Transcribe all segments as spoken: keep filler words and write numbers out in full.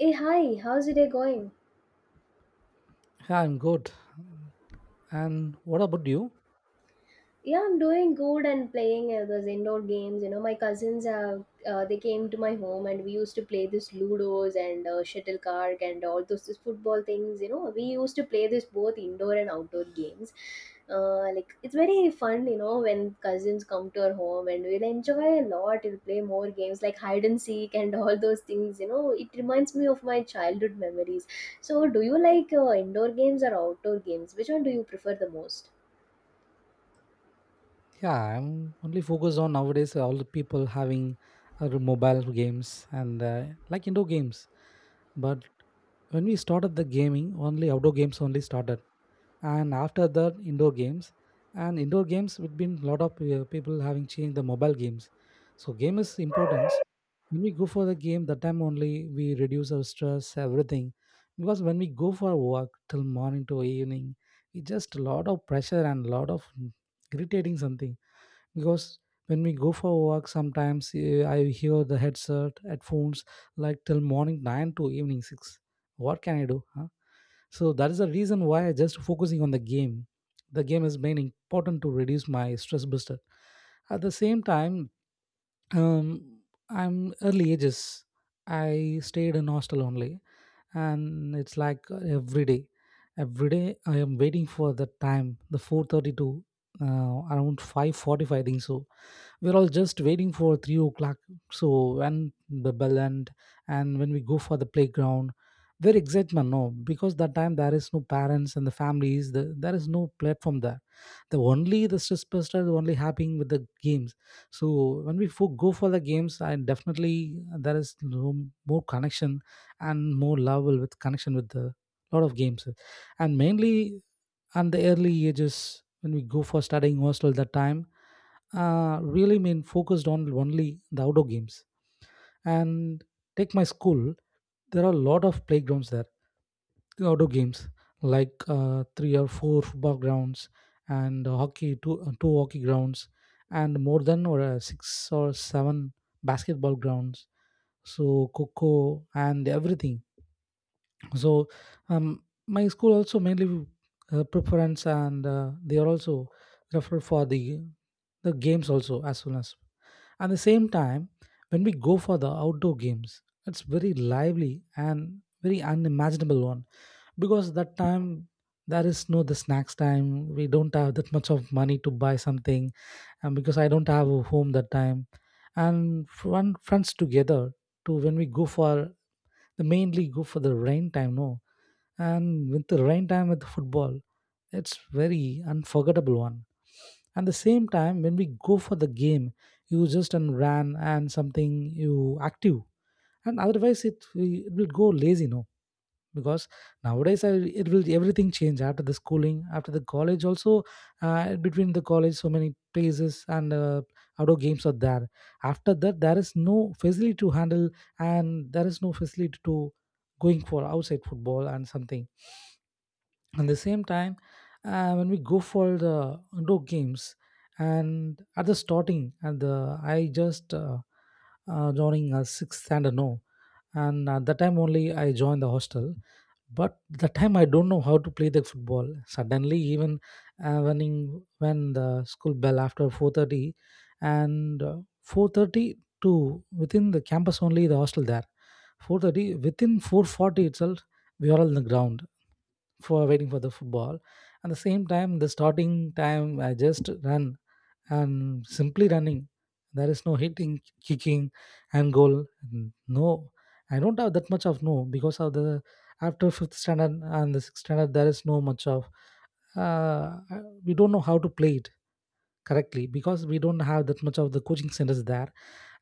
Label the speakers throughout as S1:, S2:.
S1: Hey, hi, how's your day going?
S2: Yeah, I'm good. And what about you?
S1: Yeah, I'm doing good and playing uh, those indoor games. You know, my cousins uh, uh, they came to my home and we used to play this ludos and uh, shuttlecock and all those these football things. You know, we used to play this both indoor and outdoor games. Uh, like it's very fun, you know, when cousins come to our home and we'll enjoy a lot. We'll play more games like hide and seek and all those things. You know, it reminds me of my childhood memories. So, do you like uh, indoor games or outdoor games? Which one do you prefer the most?
S2: Yeah, I'm only focused on nowadays uh, all the people having other mobile games and uh, like indoor games. But when we started the gaming, only outdoor games only started, and after that indoor games, and indoor games with been lot of uh, people having changed the mobile games, so game is importance. When we go for the game, that time only we reduce our stress everything, because when we go for work till morning to evening, we just a lot of pressure and lot of irritating something, because when we go for work sometimes uh, I hear the headset headphones like till morning nine to evening six. What can I do, huh? So that is the reason why I just focusing on the game. The game is main important to reduce my stress buster. At the same time, um, I'm early ages. I stayed in hostel only, and it's like uh, every day, every day I am waiting for that time, the four thirty-two, uh, around five forty-five, I think so. We're all just waiting for three o'clock. So when the bell end, and when we go for the playground, very excitement, no, because that time there is no parents and the families, the, there is no platform there. The only the stress buster is only happening with the games. So when we fo- go for the games, I definitely there is no more connection, and more love will with connection with the lot of games, and mainly, and the early ages when we go for studying hostel that time, uh, really mean focused on only the outdoor games. And take my school, there are a lot of playgrounds there, outdoor games like uh, three or four football grounds, and hockey two, uh, two hockey grounds, and more than or uh, six or seven basketball grounds, so coco and everything. So um, my school also mainly uh, preference, and uh, they are also refer for the the games also. As soon as, at the same time, when we go for the outdoor games, it's very lively and very unimaginable one, because that time there is no the snacks time. We don't have that much of money to buy something, and because I don't have a home that time, and fun friends together, to when we go for the mainly go for the rain time. No, and with the rain time with football, it's very unforgettable one. And the same time when we go for the game, you just and ran and something you active, and otherwise it, it will go lazy, no? Because nowadays I, it will everything change after the schooling, after the college also, uh, between the college so many places, and uh, outdoor games are there. After that there is no facility to handle, and there is no facility to going for outside football and something. At the same time, uh, when we go for the indoor games, and at the starting at the, I just uh, uh, joining a sixth and a no, and at that time only I joined the hostel. But the time I don't know how to play the football suddenly. Even uh, when in- when the school bell after four thirty, and uh, four thirty to, within the campus only the hostel there, four thirty within four forty itself we are on the ground for waiting for the football. At the same time, the starting time, I just run and simply running. There is no hitting, kicking, and goal. Mm, no, I don't have that much of, no, because of the after fifth standard and the sixth standard, there is no much of. Uh, we don't know how to play it correctly because we don't have that much of the coaching centers there.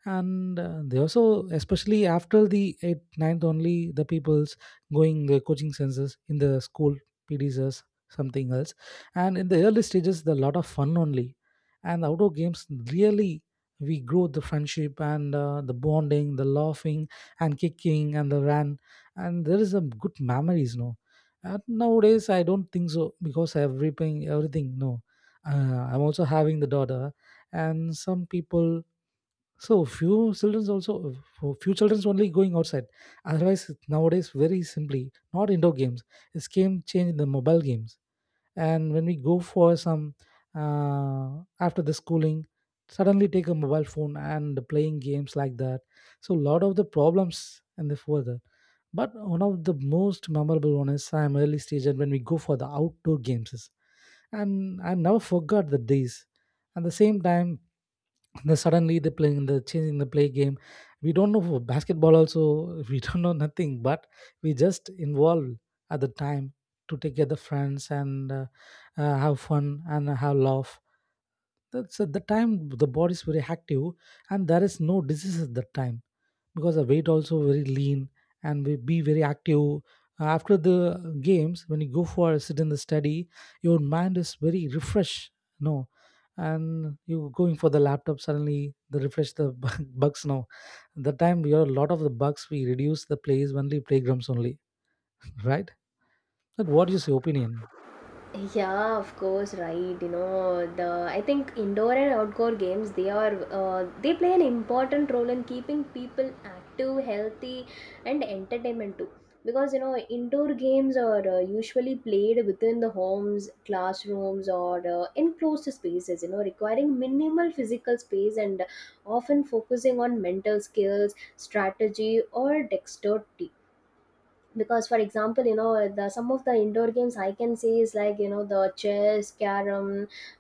S2: And uh, they also, especially after the eighth ninth, only the people's going the coaching centers in the school, pds or something else. And in the early stages the lot of fun only, and outdoor games really we grow the friendship and uh, the bonding, the laughing and kicking and the run, and there is a good memories, no. And nowadays I don't think so, because everything everything, no. uh, I'm also having the daughter, and some people. So few childrens also, for few childrens only going outside. Otherwise nowadays very simply not indoor games. It's game change the mobile games. And when we go for some, uh, after the schooling, suddenly take a mobile phone and playing games like that. So a lot of the problems and the further. But one of the most memorable one is I'm early stage, and when we go for the outdoor games is- and I never forgot the days. At the same time, then suddenly they playing the changing the play game, we don't know for basketball also we don't know nothing, but we just involved at the time to take care the friends and uh, uh, have fun and have laugh. That's at the time the body is very active, and there is no disease at that time, because the weight also very lean, and we be very active. Uh, after the games when you go for a sit in the study, your mind is very refreshed, no. And you going for the laptop suddenly, the refresh the bu- bugs now, the time we are a lot of the bugs, we reduce the plays only playgrounds only. Right, but what is your opinion?
S1: Yeah, of course, right. You know, the I think indoor and outdoor games they are uh, they play an important role in keeping people active, healthy, and entertainment too. Because you know, indoor games are uh, usually played within the homes, classrooms, or uh, enclosed spaces. You know, requiring minimal physical space and often focusing on mental skills, strategy, or dexterity because, for example, you know, the some of the indoor games I can see is like, you know, the chess, carom,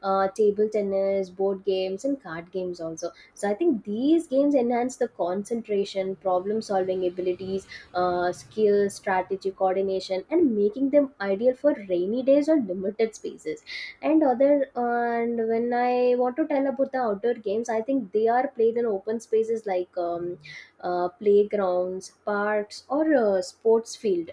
S1: uh, table tennis, board games, and card games also. So I think these games enhance the concentration, problem solving abilities, uh, skill, strategy, coordination, and making them ideal for rainy days or limited spaces and other. And when I want to tell about the outdoor games, I think they are played in open spaces like um, uh, playgrounds, parks, or uh, sports field.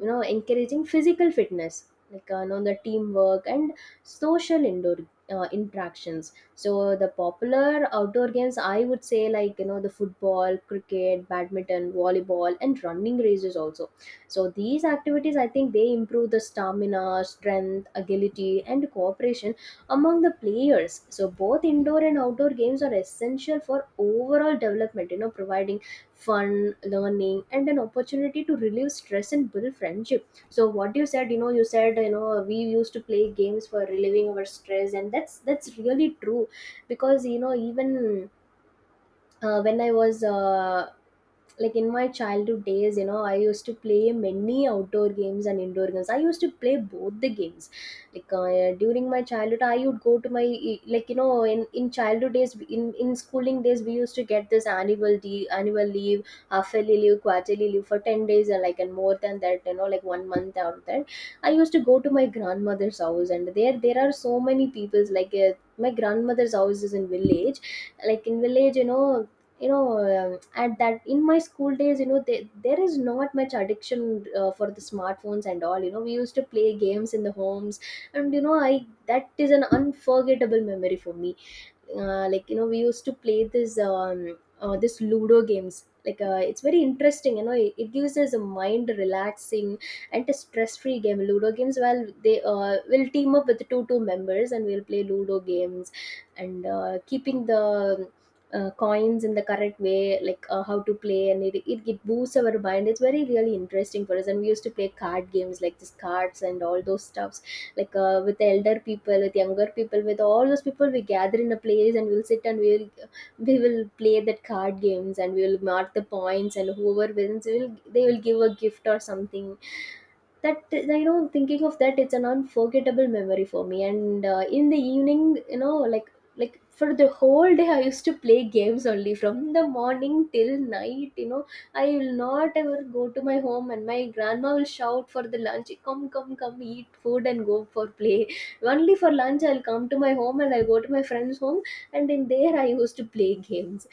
S1: You know, encouraging physical fitness, like uh, you know, the teamwork and social indoor uh, interactions. So the popular outdoor games, I would say, like you know, the football, cricket, badminton, volleyball, and running races also. So these activities, I think, they improve the stamina, strength, agility, and cooperation among the players. So both indoor and outdoor games are essential for overall development. You know, providing fun, learning, and an opportunity to relieve stress and build friendship. So what you said, you know, you said, you know, we used to play games for relieving our stress, and that's that's really true. Because you know, even uh, when i was uh, like in my childhood days, you know, I used to play many outdoor games and indoor games. I used to play both the games, like uh, during my childhood I would go to my e, like you know, in in childhood days, in in schooling days, we used to get this annual de- annual leave, half-yearly leave, quarterly leave for ten days, and like and more than that, you know, like one month out of that I used to go to my grandmother's house, and there there are so many peoples, like uh, my grandmother's house is in village, like in village, you know. You know, um, at that, in my school days, you know, they, there is not much addiction uh, for the smartphones and all. You know, we used to play games in the homes, and you know, I that is an unforgettable memory for me. uh, like, you know, we used to play this um uh, this ludo games. Like uh, it's very interesting, you know, it, it gives us a mind relaxing and a stress free game. Ludo games, well, they uh, will team up with two two members and we'll play ludo games and uh, keeping the uh, coins in the correct way, like uh, how to play, and it, it, it boosts our mind. It's very really interesting for us, and we used to play card games like this cards and all those stuff, like uh, with elder people, with younger people, with all those people, we gather in a place and we'll sit and we'll we will play that card games, and we will mark the points, and whoever wins will, they will give a gift or something. That, you know, thinking of that, it's an unforgettable memory for me. And uh, in the evening, you know, like like for the whole day I used to play games only from the morning till night. You know, I will not ever go to my home, and my grandma will shout for the lunch, come come come eat food and go for play. Only for lunch I'll come to my home, and I'll go to my friend's home, and in there I used to play games.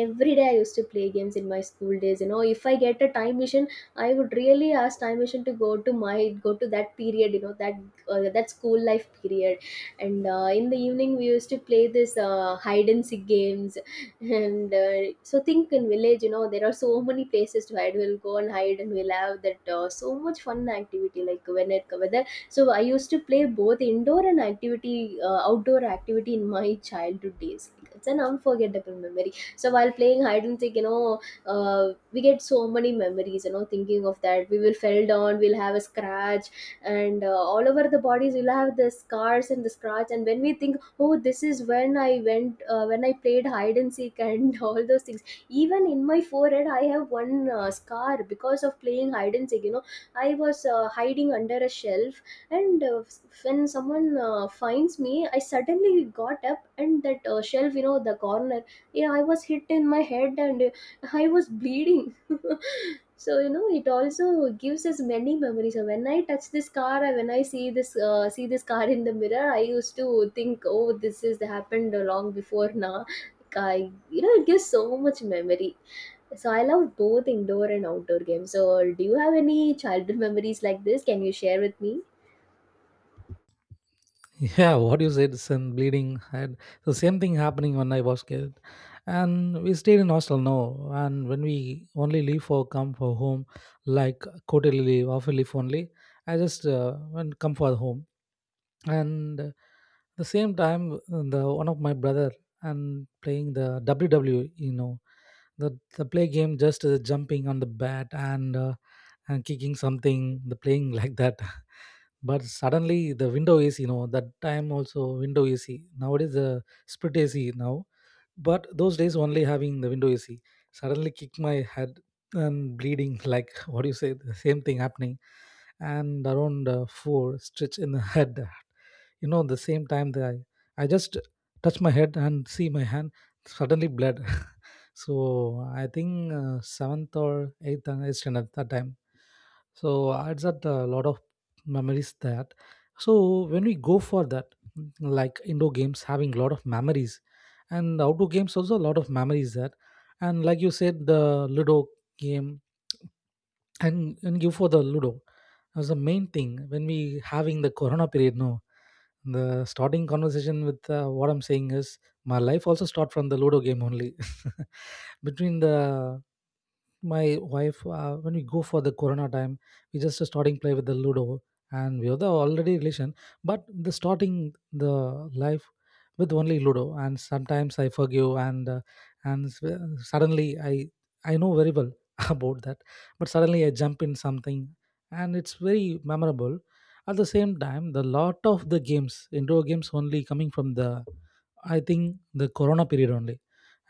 S1: Every day I used to play games in my school days. You know, if I get a time machine, I would really ask time machine to go to my go to that period, you know. That uh, that school life period. And uh, in the evening we used to play this uh, hide and seek games. And uh, so think, in village, you know, there are so many places to hide. We'll go and hide, and we'll have that uh, so much fun activity, like when it whether. So I used to play both indoor and activity uh, outdoor activity in my childhood days. It's an unforgettable memory. So while playing hide and seek, you know, uh, we get so many memories. You know, thinking of that, we will fell down, we'll have a scratch, and uh, all over the bodies we'll have the scars and the scratch. And when we think, oh, this is when I went uh, when I played hide and seek, and all those things. Even in my forehead I have one uh, scar because of playing hide and seek, you know. I was uh, hiding under a shelf, and uh, when someone uh, finds me, I suddenly got up, and that uh, shelf, you know, the corner. Yeah, I was hit in my head, and uh, I was bleeding. So, you know, it also gives us many memories. So when I touch this car, or when I see this uh, see this car in the mirror, I used to think, oh, this is happened long before now. I, you know, it gives so much memory. So I love both indoor and outdoor games. So do you have any childhood memories like this? Can you share with me?
S2: Yeah, what you said, sun bleeding had the same thing happening when I was kid. And we stayed in hostel, no. And when we only leave for come for home, like quarterly leave, half leave only, I just uh, went come for home. And uh, the same time, uh, the one of my brother, and playing the W W E, you know, the the play game just uh, jumping on the bat, and uh, and kicking something, the playing like that. But suddenly the window A C, you know, that time also window A C. Nowadays the split A C now, but those days only having the window A C. Suddenly kick my head and bleeding like what do you say? The same thing happening, and around uh, four stitch in the head. You know, the same time that I, I just touch my head and see my hand suddenly bled. So I think uh, seventh or eighth and standard that time. So it's that a lot of memories that. So when we go for that, mm, like indoor games having a lot of memories, and outdoor games also a lot of memories that. And like you said the ludo game, and and give for the ludo was the main thing when we having the corona period, no. The starting conversation with, uh, what I'm saying is, my life also start from the ludo game only. Between the, my wife, uh, when we go for the corona time we just starting play with the ludo, and we are the already relation. But the starting, the life with only ludo, and sometimes I forgive and uh, and s- uh, suddenly i i know very well about that. But suddenly I jump in something, and it's very memorable. At the same time, the lot of the games, indoor games only coming from the, I think, the corona period only.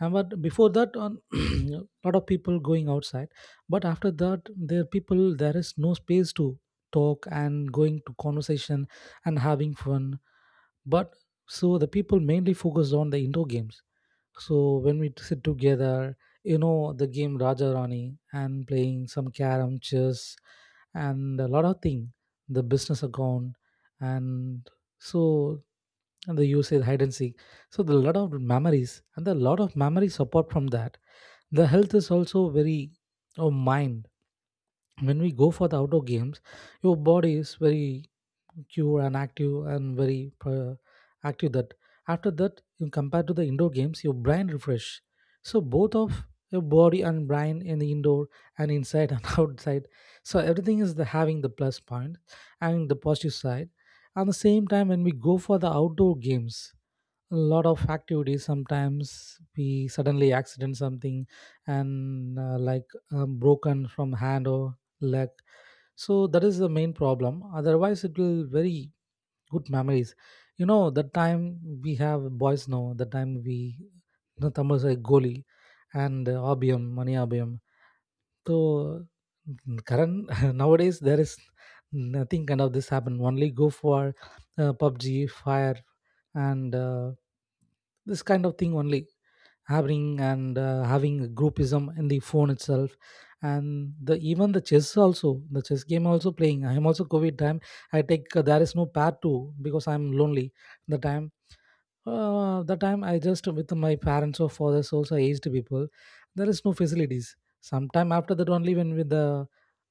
S2: And but before that, on lot of people going outside. But after that, there people there is no space to talk and going to conversation and having fun. But so the people mainly focus on the indoor games. So when we sit together, you know, the game Raja Rani, and playing some carom, chess, and a lot of thing, the business account, and so, and the usage hide and seek. So the lot of memories, and the lot of memories apart from that, the health is also very, oh mind. When we go for the outdoor games, your body is very cure and active and very pro- active that after that you compare to the indoor games your brain refresh so both of your body and brain in the indoor and inside and outside so everything is the having the plus point and the positive side at the same time when we go for the outdoor games a lot of activities sometimes we suddenly accident something and uh, like um, broken from hand or leg so that is the main problem otherwise it will very good memories. You know that time we have boys, now that time we, you know, tamil say goli and uh, abiyam mani abiyam. So mm, current nowadays there is nothing kind of this happen, only go for uh, pubg fire and uh, this kind of thing only having and uh, having groupism in the phone itself. And the even the chess also, the chess game also playing. I am also covid time, I take uh, there is no pair two because I'm lonely the time. Uh, the time I just with my parents or fathers also aged people, there is no facilities. Sometime after that only when with the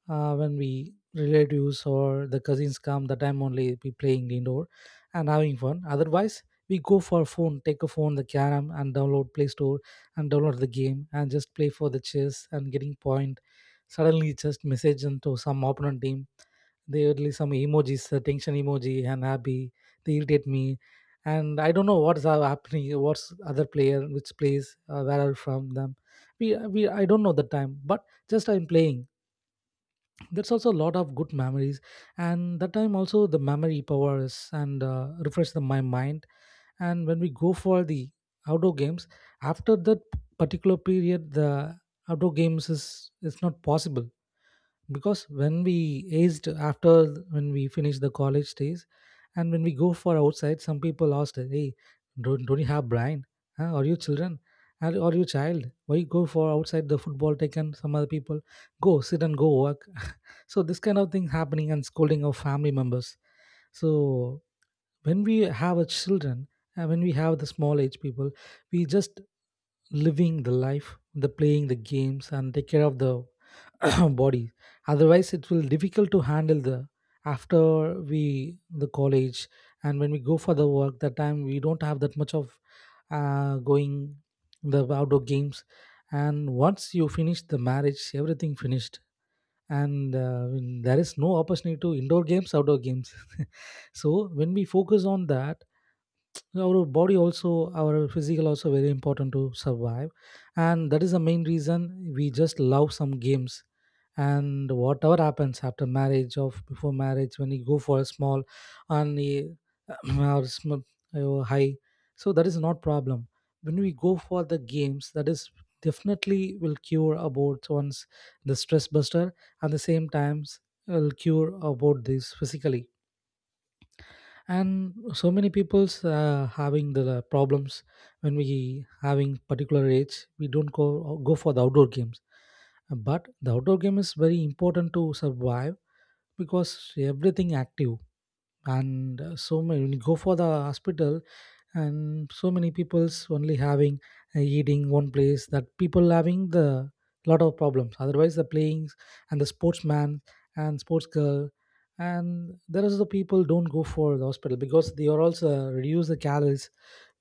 S2: uh, when we relatives or the cousins come, the time only be playing indoor and having fun. Otherwise we go for phone, take a phone, the carom and download play store and download the game and just play for the chess and getting point. Suddenly just message into some opponent team, they would some emojis, the tension emoji and happy, they irritate me. And I don't know what's ha- happening, what's other player which plays, uh, where are from them. We we I don't know the time, but just I'm playing. That's also a lot of good memories, and that time also the memory powers and uh, refresh the, my mind. And when we go for the outdoor games, after that particular period, the outdoor games is it's not possible because when we aged after when we finished the college days and when we go for outside some people asked, hey, don't, don't you have brain? Huh? Are you children? Are, are you child? Why you go for outside? The football taken some other people, go sit and go work. So this kind of thing happening and scolding of family members. So when we have a children and when we have the small age people, we just living the life, the playing the games and take care of the body. Otherwise it will difficult to handle the after we the college. And when we go for the work, that time we don't have that much of uh, going the outdoor games. And once you finish the marriage, everything finished. And uh, when there is no opportunity to indoor games, outdoor games. So when we focus on that, our body also, our physical also very important to survive. And that is the main reason we just love some games. And whatever happens after marriage or before marriage, when you go for a small and you- or small or high, so that is not problem. When we go for the games, that is definitely will cure about once, the stress buster, and the same times will cure about this physically. And so many people's uh, having the problems. When we having particular age, we don't go go for the outdoor games, but the outdoor game is very important to survive because everything active. And uh, so many, when you go for the hospital, and so many people's only having uh, eating one place, that people having the lot of problems. Otherwise the playing and the sportsman and sports girl, and there is the people don't go for the hospital because they are also reduce the calories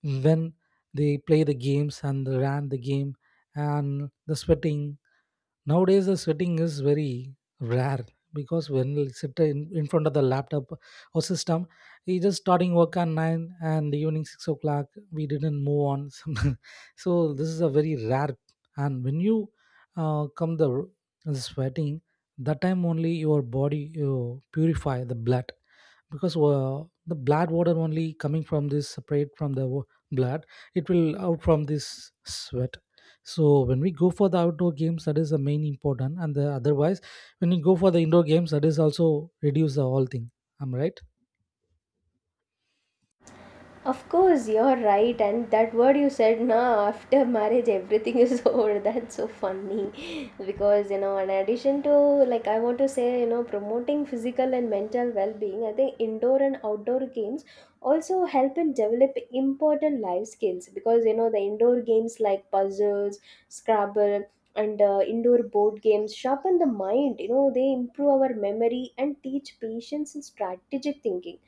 S2: when they play the games and they ran the game and the sweating. Nowadays the sitting is very rare because when you sit in, in front of the laptop or system, you just starting work at nine and the evening six o'clock, we didn't move on. Some- so this is a very rare. And when you uh, come the, r- the sweating, that time only your body you purify the blood because uh, the blood water only coming from this, separate from the wa- blood, it will out from this sweat. So when we go for the outdoor games, that is the main important, and the otherwise, when we go for the indoor games, that is also reduce the whole thing. I'm right.
S1: Of course, you're right. And that word you said, no, after marriage everything is over. That's so funny because, you know, in addition to like, I want to say, you know, promoting physical and mental well being, I think indoor and outdoor games also help in developing important life skills. Because you know, the indoor games like puzzles, Scrabble. And uh, indoor board games sharpen the mind, you know, they improve our memory and teach patience and strategic thinking.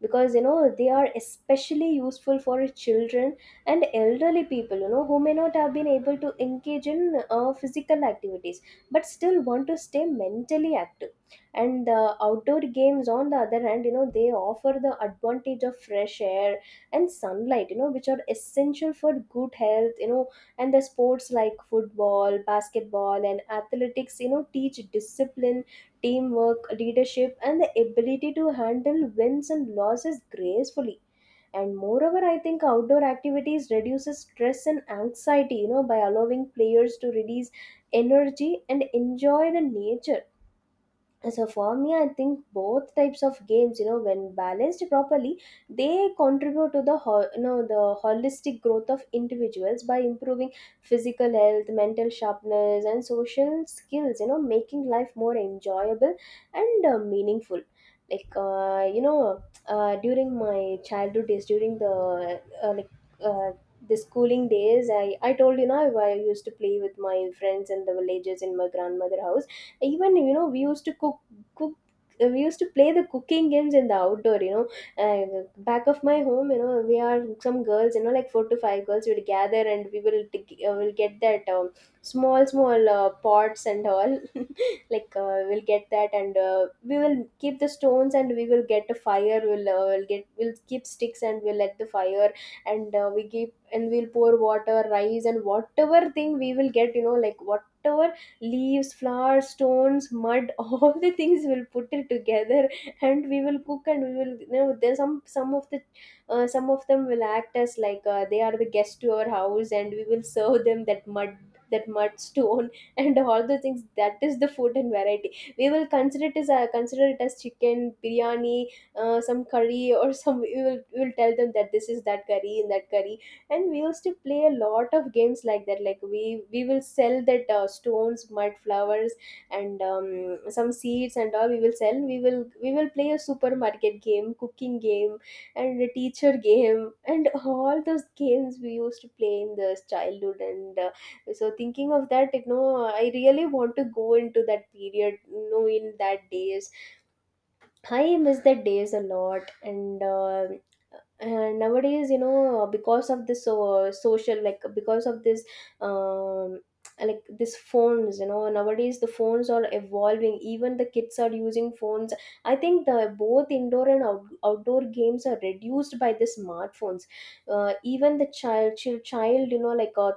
S1: Because you know, they are especially useful for children and elderly people, you know, who may not have been able to engage in uh, physical activities but still want to stay mentally active. And the outdoor games, on the other hand, you know, they offer the advantage of fresh air and sunlight, you know, which are essential for good health, you know. And the sports like football, basketball, and athletics, you know, teach discipline, teamwork, leadership, and the ability to handle wins and losses gracefully. And moreover, I think outdoor activities reduces stress and anxiety, you know, by allowing players to release energy and enjoy the nature. So for me, I think both types of games, you know, when balanced properly, they contribute to the ho- you know, the holistic growth of individuals by improving physical health, mental sharpness, and social skills, you know, making life more enjoyable and uh, meaningful. Like uh, you know, uh, during my childhood days, during the uh, like uh, the schooling days, I, I told you know, I, I used to play with my friends in the villages in my grandmother house. Even you know, we used to cook cook uh, we used to play the cooking games in the outdoor, you know. uh, back of my home, you know, we are some girls, you know, like four to five girls would gather, and we will t- uh, will get that um, small small uh, pots and all. Like uh, we'll get that, and uh, we will keep the stones and we will get a fire. We'll, uh, we'll get we'll keep sticks and we'll let the fire. And uh, we keep, and we'll pour water, rice, and whatever thing we will get. You know, like whatever leaves, flowers, stones, mud, all the things we'll put it together and we will cook. And we will, you know, there's some some of the uh, some of them will act as like uh, they are the guest to our house, and we will serve them that mud, that mud stone. And all the things, that is the food and variety. We will consider it as uh, consider it as chicken biryani, uh, some curry, or some. we will, we will tell them that this is that curry and that curry And we used to play a lot of games like that. Like we we will sell that uh, stones, mud, flowers, and um, some seeds and all we will sell, we will we will play a supermarket game, cooking game, and a teacher game, and all those games we used to play in the childhood. And uh, so thinking of that, you know, I really want to go into that period, you know, in that days. I miss that days a lot, and uh, and nowadays, you know, because of this uh, social, like because of this, um, like this phones, you know, nowadays the phones are evolving. Even the kids are using phones. I think the both indoor and out, outdoor games are reduced by the smartphones. Uh, even the child, child, child, you know, like uh,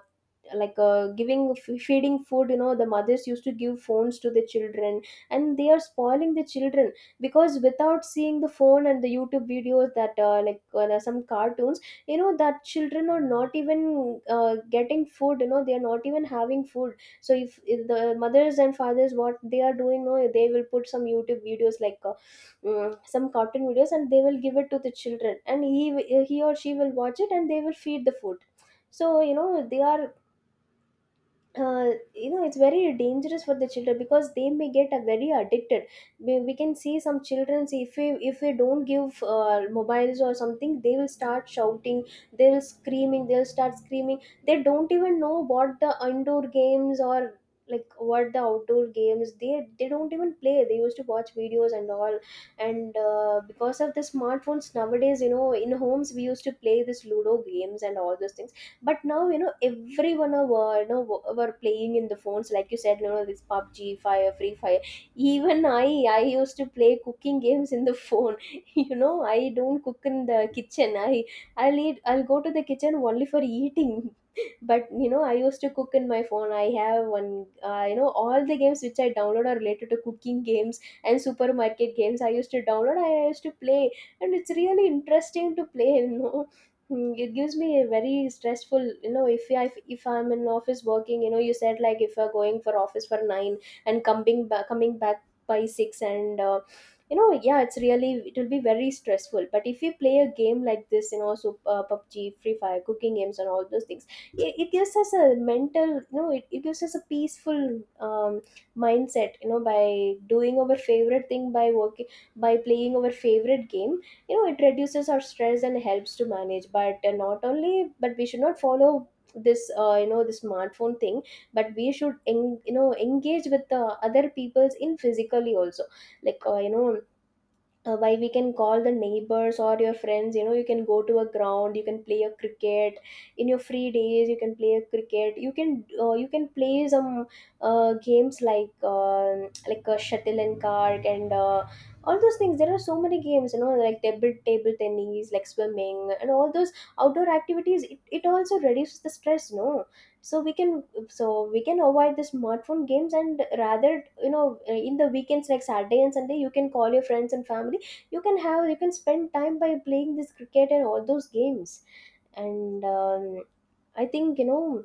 S1: like uh, giving f- feeding food, you know, the mothers used to give phones to the children, and they are spoiling the children, because without seeing the phone and the YouTube videos, that uh, like uh, some cartoons, you know, that children are not even uh, getting food, you know, they are not even having food. So if, if the mothers and fathers, what they are doing no, they will put some YouTube videos, like uh, mm, some cartoon videos, and they will give it to the children, and he he or she will watch it, and they will feed the food. So you know they are uh, you know it's very dangerous for the children because they may get uh, very addicted. We, we can see some children, if we if we don't give uh, mobiles or something, they will start shouting, they will screaming, they'll start screaming. They don't even know what the indoor games, or like what the outdoor games, they they don't even play, they used to watch videos and all. And uh, because of the smartphones nowadays, you know, in homes we used to play this ludo games and all those things. But now, you know, everyone are uh, you know w- were playing in the phones, like you said, you know, this PUBG fire, free fire. Even I I used to play cooking games in the phone. You know, I don't cook in the kitchen, I I'll eat I'll go to the kitchen only for eating. But you know, I used to cook in my phone. I have one, uh, you know, all the games which I download are related to cooking games and supermarket games. I used to download, I used to play, and it's really interesting to play. You know, mm, it gives me a very stressful, you know, if I, if, if I'm in office working, you know, you said like if you're going for office for nine and coming back coming back by six, and uh, you know, yeah, it's really, it will be very stressful. But if you play a game like this, you know, so uh, PUBG, free fire, cooking games and all those things, it, it gives us a mental, you know, it, it gives us a peaceful um, mindset, you know, by doing our favorite thing, by working, by playing our favorite game. You know, it reduces our stress and helps to manage. But uh, not only, but we should not follow this uh, you know, the smartphone thing, but we should en- you know, engage with the other people's in physically also. like uh, you know, uh, why we can call the neighbors or your friends, you know, you can go to a ground, you can play a cricket. In your free days, you can play a cricket, you can uh, you can play some uh, games like uh, like a shuttle and cart, and uh, all those things. There are so many games, you know, like table table tennis, like swimming, and all those outdoor activities, it, it also reduces the stress no. So we can so we can avoid the smartphone games, and rather, you know, in the weekends like Saturday and Sunday, you can call your friends and family. You can have you can spend time by playing this cricket and all those games. And um, I think, you know,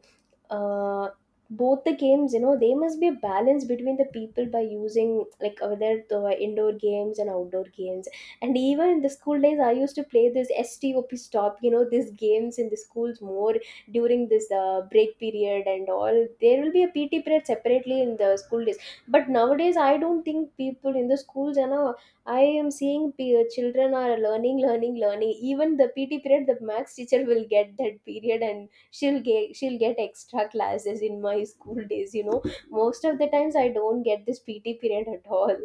S1: uh, both the games, you know, they must be a balance between the people by using like over there the indoor games and outdoor games. And even in the school days, I used to play this STOP stop, you know, these games in the schools more during this uh, break period and all. There will be a P T period separately in the school days. But nowadays, I don't think people in the schools, you know, I am seeing p- children are learning, learning, learning. Even the P T period, the max teacher will get that period, and she'll get she'll get extra classes. In my school days, you know, most of the times I don't get this P T period at all.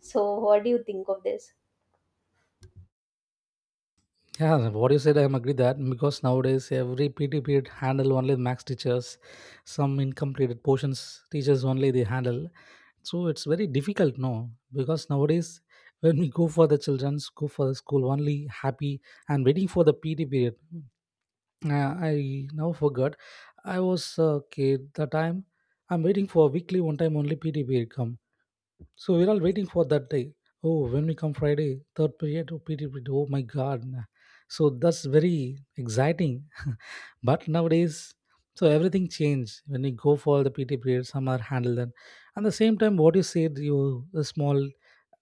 S1: So what do you think of this?
S2: Yeah, what you said, I am agree that, because nowadays every P T period handle only max teachers, some incompleted portions teachers only they handle. So it's very difficult, no, because nowadays when we go for the childrens, go for the school only happy and waiting for the P T period. Uh, I now forgot. I was a kid the time. I'm waiting for weekly one time only P T period come. So we're all waiting for that day. Oh, when we come Friday, third period, oh, P T period. Oh my God. So that's very exciting. But nowadays, so everything changed. When we go for the P T period, some are handled. And at the same time, what you said, you the small,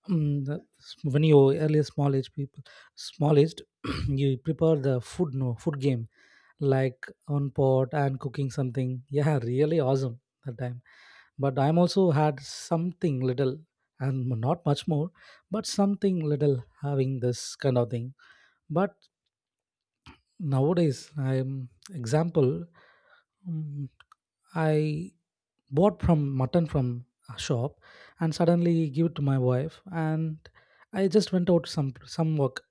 S2: um, the, when you earlier small age people, small aged, you prepare the food, no, food game like on pot and cooking something. Yeah, really awesome that time. But I'm also had something little and not much more, but something little having this kind of thing. But nowadays, I'm example, um, I bought from mutton from a shop and suddenly give it to my wife, and I just went out some some work.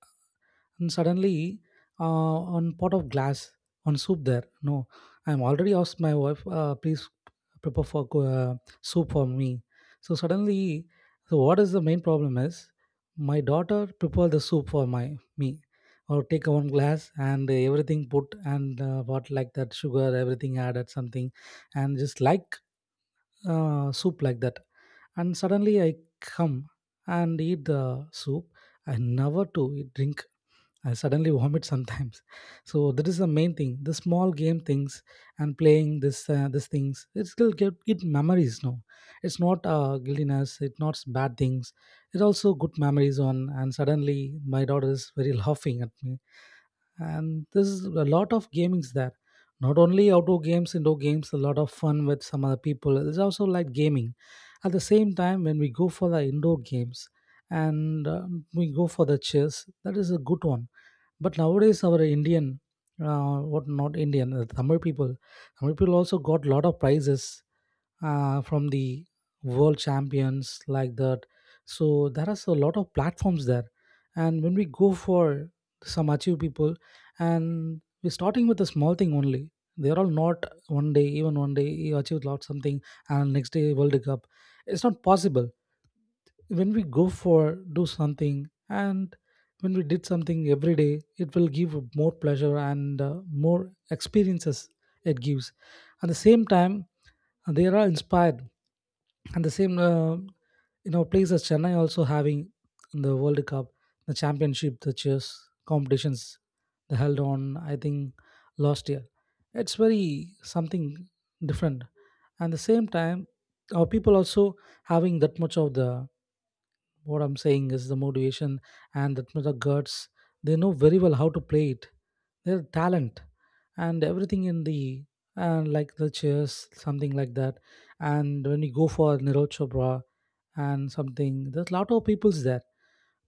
S2: And suddenly, uh, on pot of glass, on soup there, no, I'm already asked my wife, uh, please prepare for co- uh, soup for me. So suddenly, so what is the main problem is, my daughter prepare the soup for my me, or take one glass and everything put, and uh, what like that, sugar everything added something, and just like uh, soup like that. And suddenly I come and eat the soup. I never to eat- drink. I suddenly vomit sometimes. So that is the main thing. The small game things and playing this uh, these things, it still get, get memories. No, it's not uh, guiltiness, it's not bad things. It's also good memories on. And suddenly my daughter is very laughing at me. And there's a lot of gamings there, not only outdoor games, indoor games, a lot of fun with some other people, there's also like gaming. At the same time when we go for the indoor games and uh, we go for the chess, that is a good one. But nowadays our indian, uh, what not indian, uh, tamil people, tamil people also got lot of prizes uh, from the world champions like that. So there is a lot of platforms there. And when we go for some achieve people, and we're starting with a small thing only. They're all not one day, even one day you achieve lot something, and next day World Cup. It's not possible. When we go for do something, and when we did something every day, it will give more pleasure and uh, more experiences it gives. At the same time uh, they are inspired. And the same uh, you know place as chennai also having the world cup, the championship, the chess competitions, they held on, I think, last year. It's very something different. And the same time our people also having that much of the, what I'm saying is the motivation and that the guts. They know very well how to play it. Their talent and everything in the, and like the chess, something like that. And when you go for Niraj Chopra and something, there's a lot of people's there.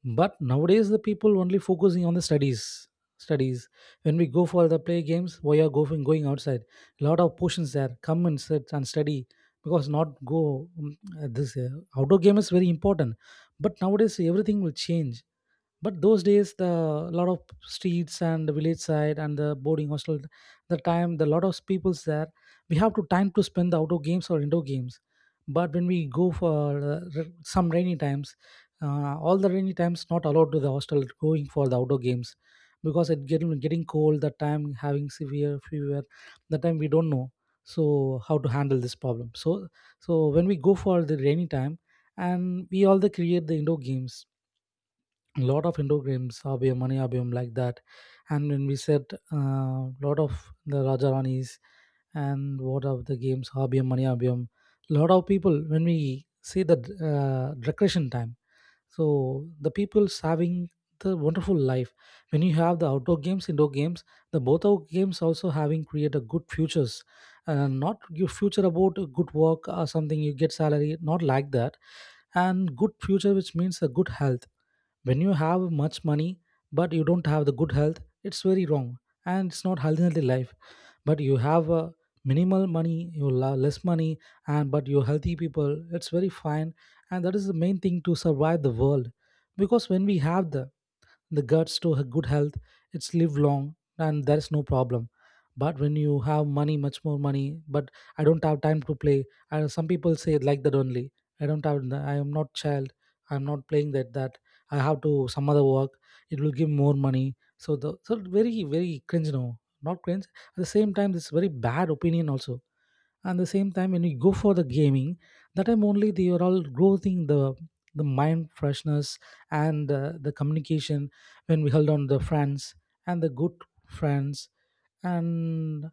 S2: But nowadays the people only focusing on the studies studies When we go for the play games, why are going going outside? A lot of portions there, come and sit and study, because not go um, uh, this uh, outdoor game is very important. But nowadays everything will change. But those days the lot of streets and the village side and the boarding hostel, the time the lot of people's there, we have to time to spend the outdoor games or indoor games. But when we go for uh, r- some rainy times, uh, all the rainy times not allowed to the hostel, going for the outdoor games because it getting getting cold, that time having severe fever, that time we don't know. So how to handle this problem? So so when we go for the rainy time, and we all the create the indoor games, a lot of Indo games, Abhyam, Mani Abhyam, like that. And when we said a uh, lot of the Rajarani's and what of the games, Abhyam, Mani Abhyam, lot of people, when we see the uh, recreation time, so the people's having the wonderful life. When you have the outdoor games, indoor games, the both our games also having create a good futures. Uh, not your future about a good work or something you get salary, not like that. And good future, which means a good health. When you have much money but you don't have the good health, it's very wrong, and it's not healthy life. But you have uh, minimal money, you have less money, and but you're healthy people, it's very fine. And that is the main thing to survive the world, because when we have the the guts to a good health, it's live long and there's no problem. But when you have money, much more money, but I don't have time to play, and some people say it like that only, I don't have, I am not child, I'm not playing that that, I have to some other work, it will give more money. So the, so very very cringe, no, not cringe, at the same time this very bad opinion also. And the same time when you go for the gaming, that time only they are all growing the the mind freshness and uh, the communication, when we held on the friends and the good friends, and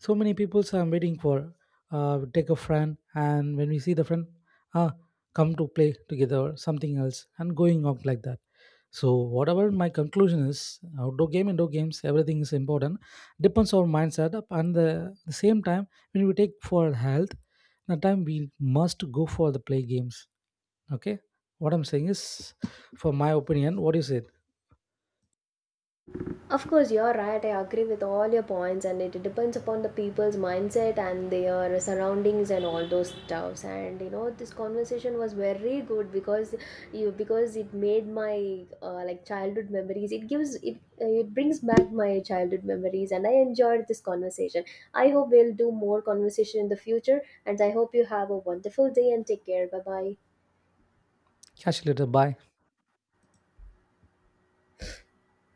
S2: so many people I'm waiting for. Uh, take a friend, and when we see the friend, ah, come to play together, or something else, and going on like that. So, whatever my conclusion is, outdoor game, indoor games, everything is important. Depends on mindset, and the, the same time when we take for health, the time we must go for the play games. Okay, what I'm saying is, for my opinion, what is it?
S1: Of course, you're right. I agree with all your points, and it depends upon the people's mindset and their surroundings and all those stuffs. And you know, this conversation was very good because you because it made my uh, like childhood memories. It gives it uh, it brings back my childhood memories, and I enjoyed this conversation. I hope we'll do more conversation in the future, and I hope you have a wonderful day and take care. Bye bye.
S2: Catch you later. Bye.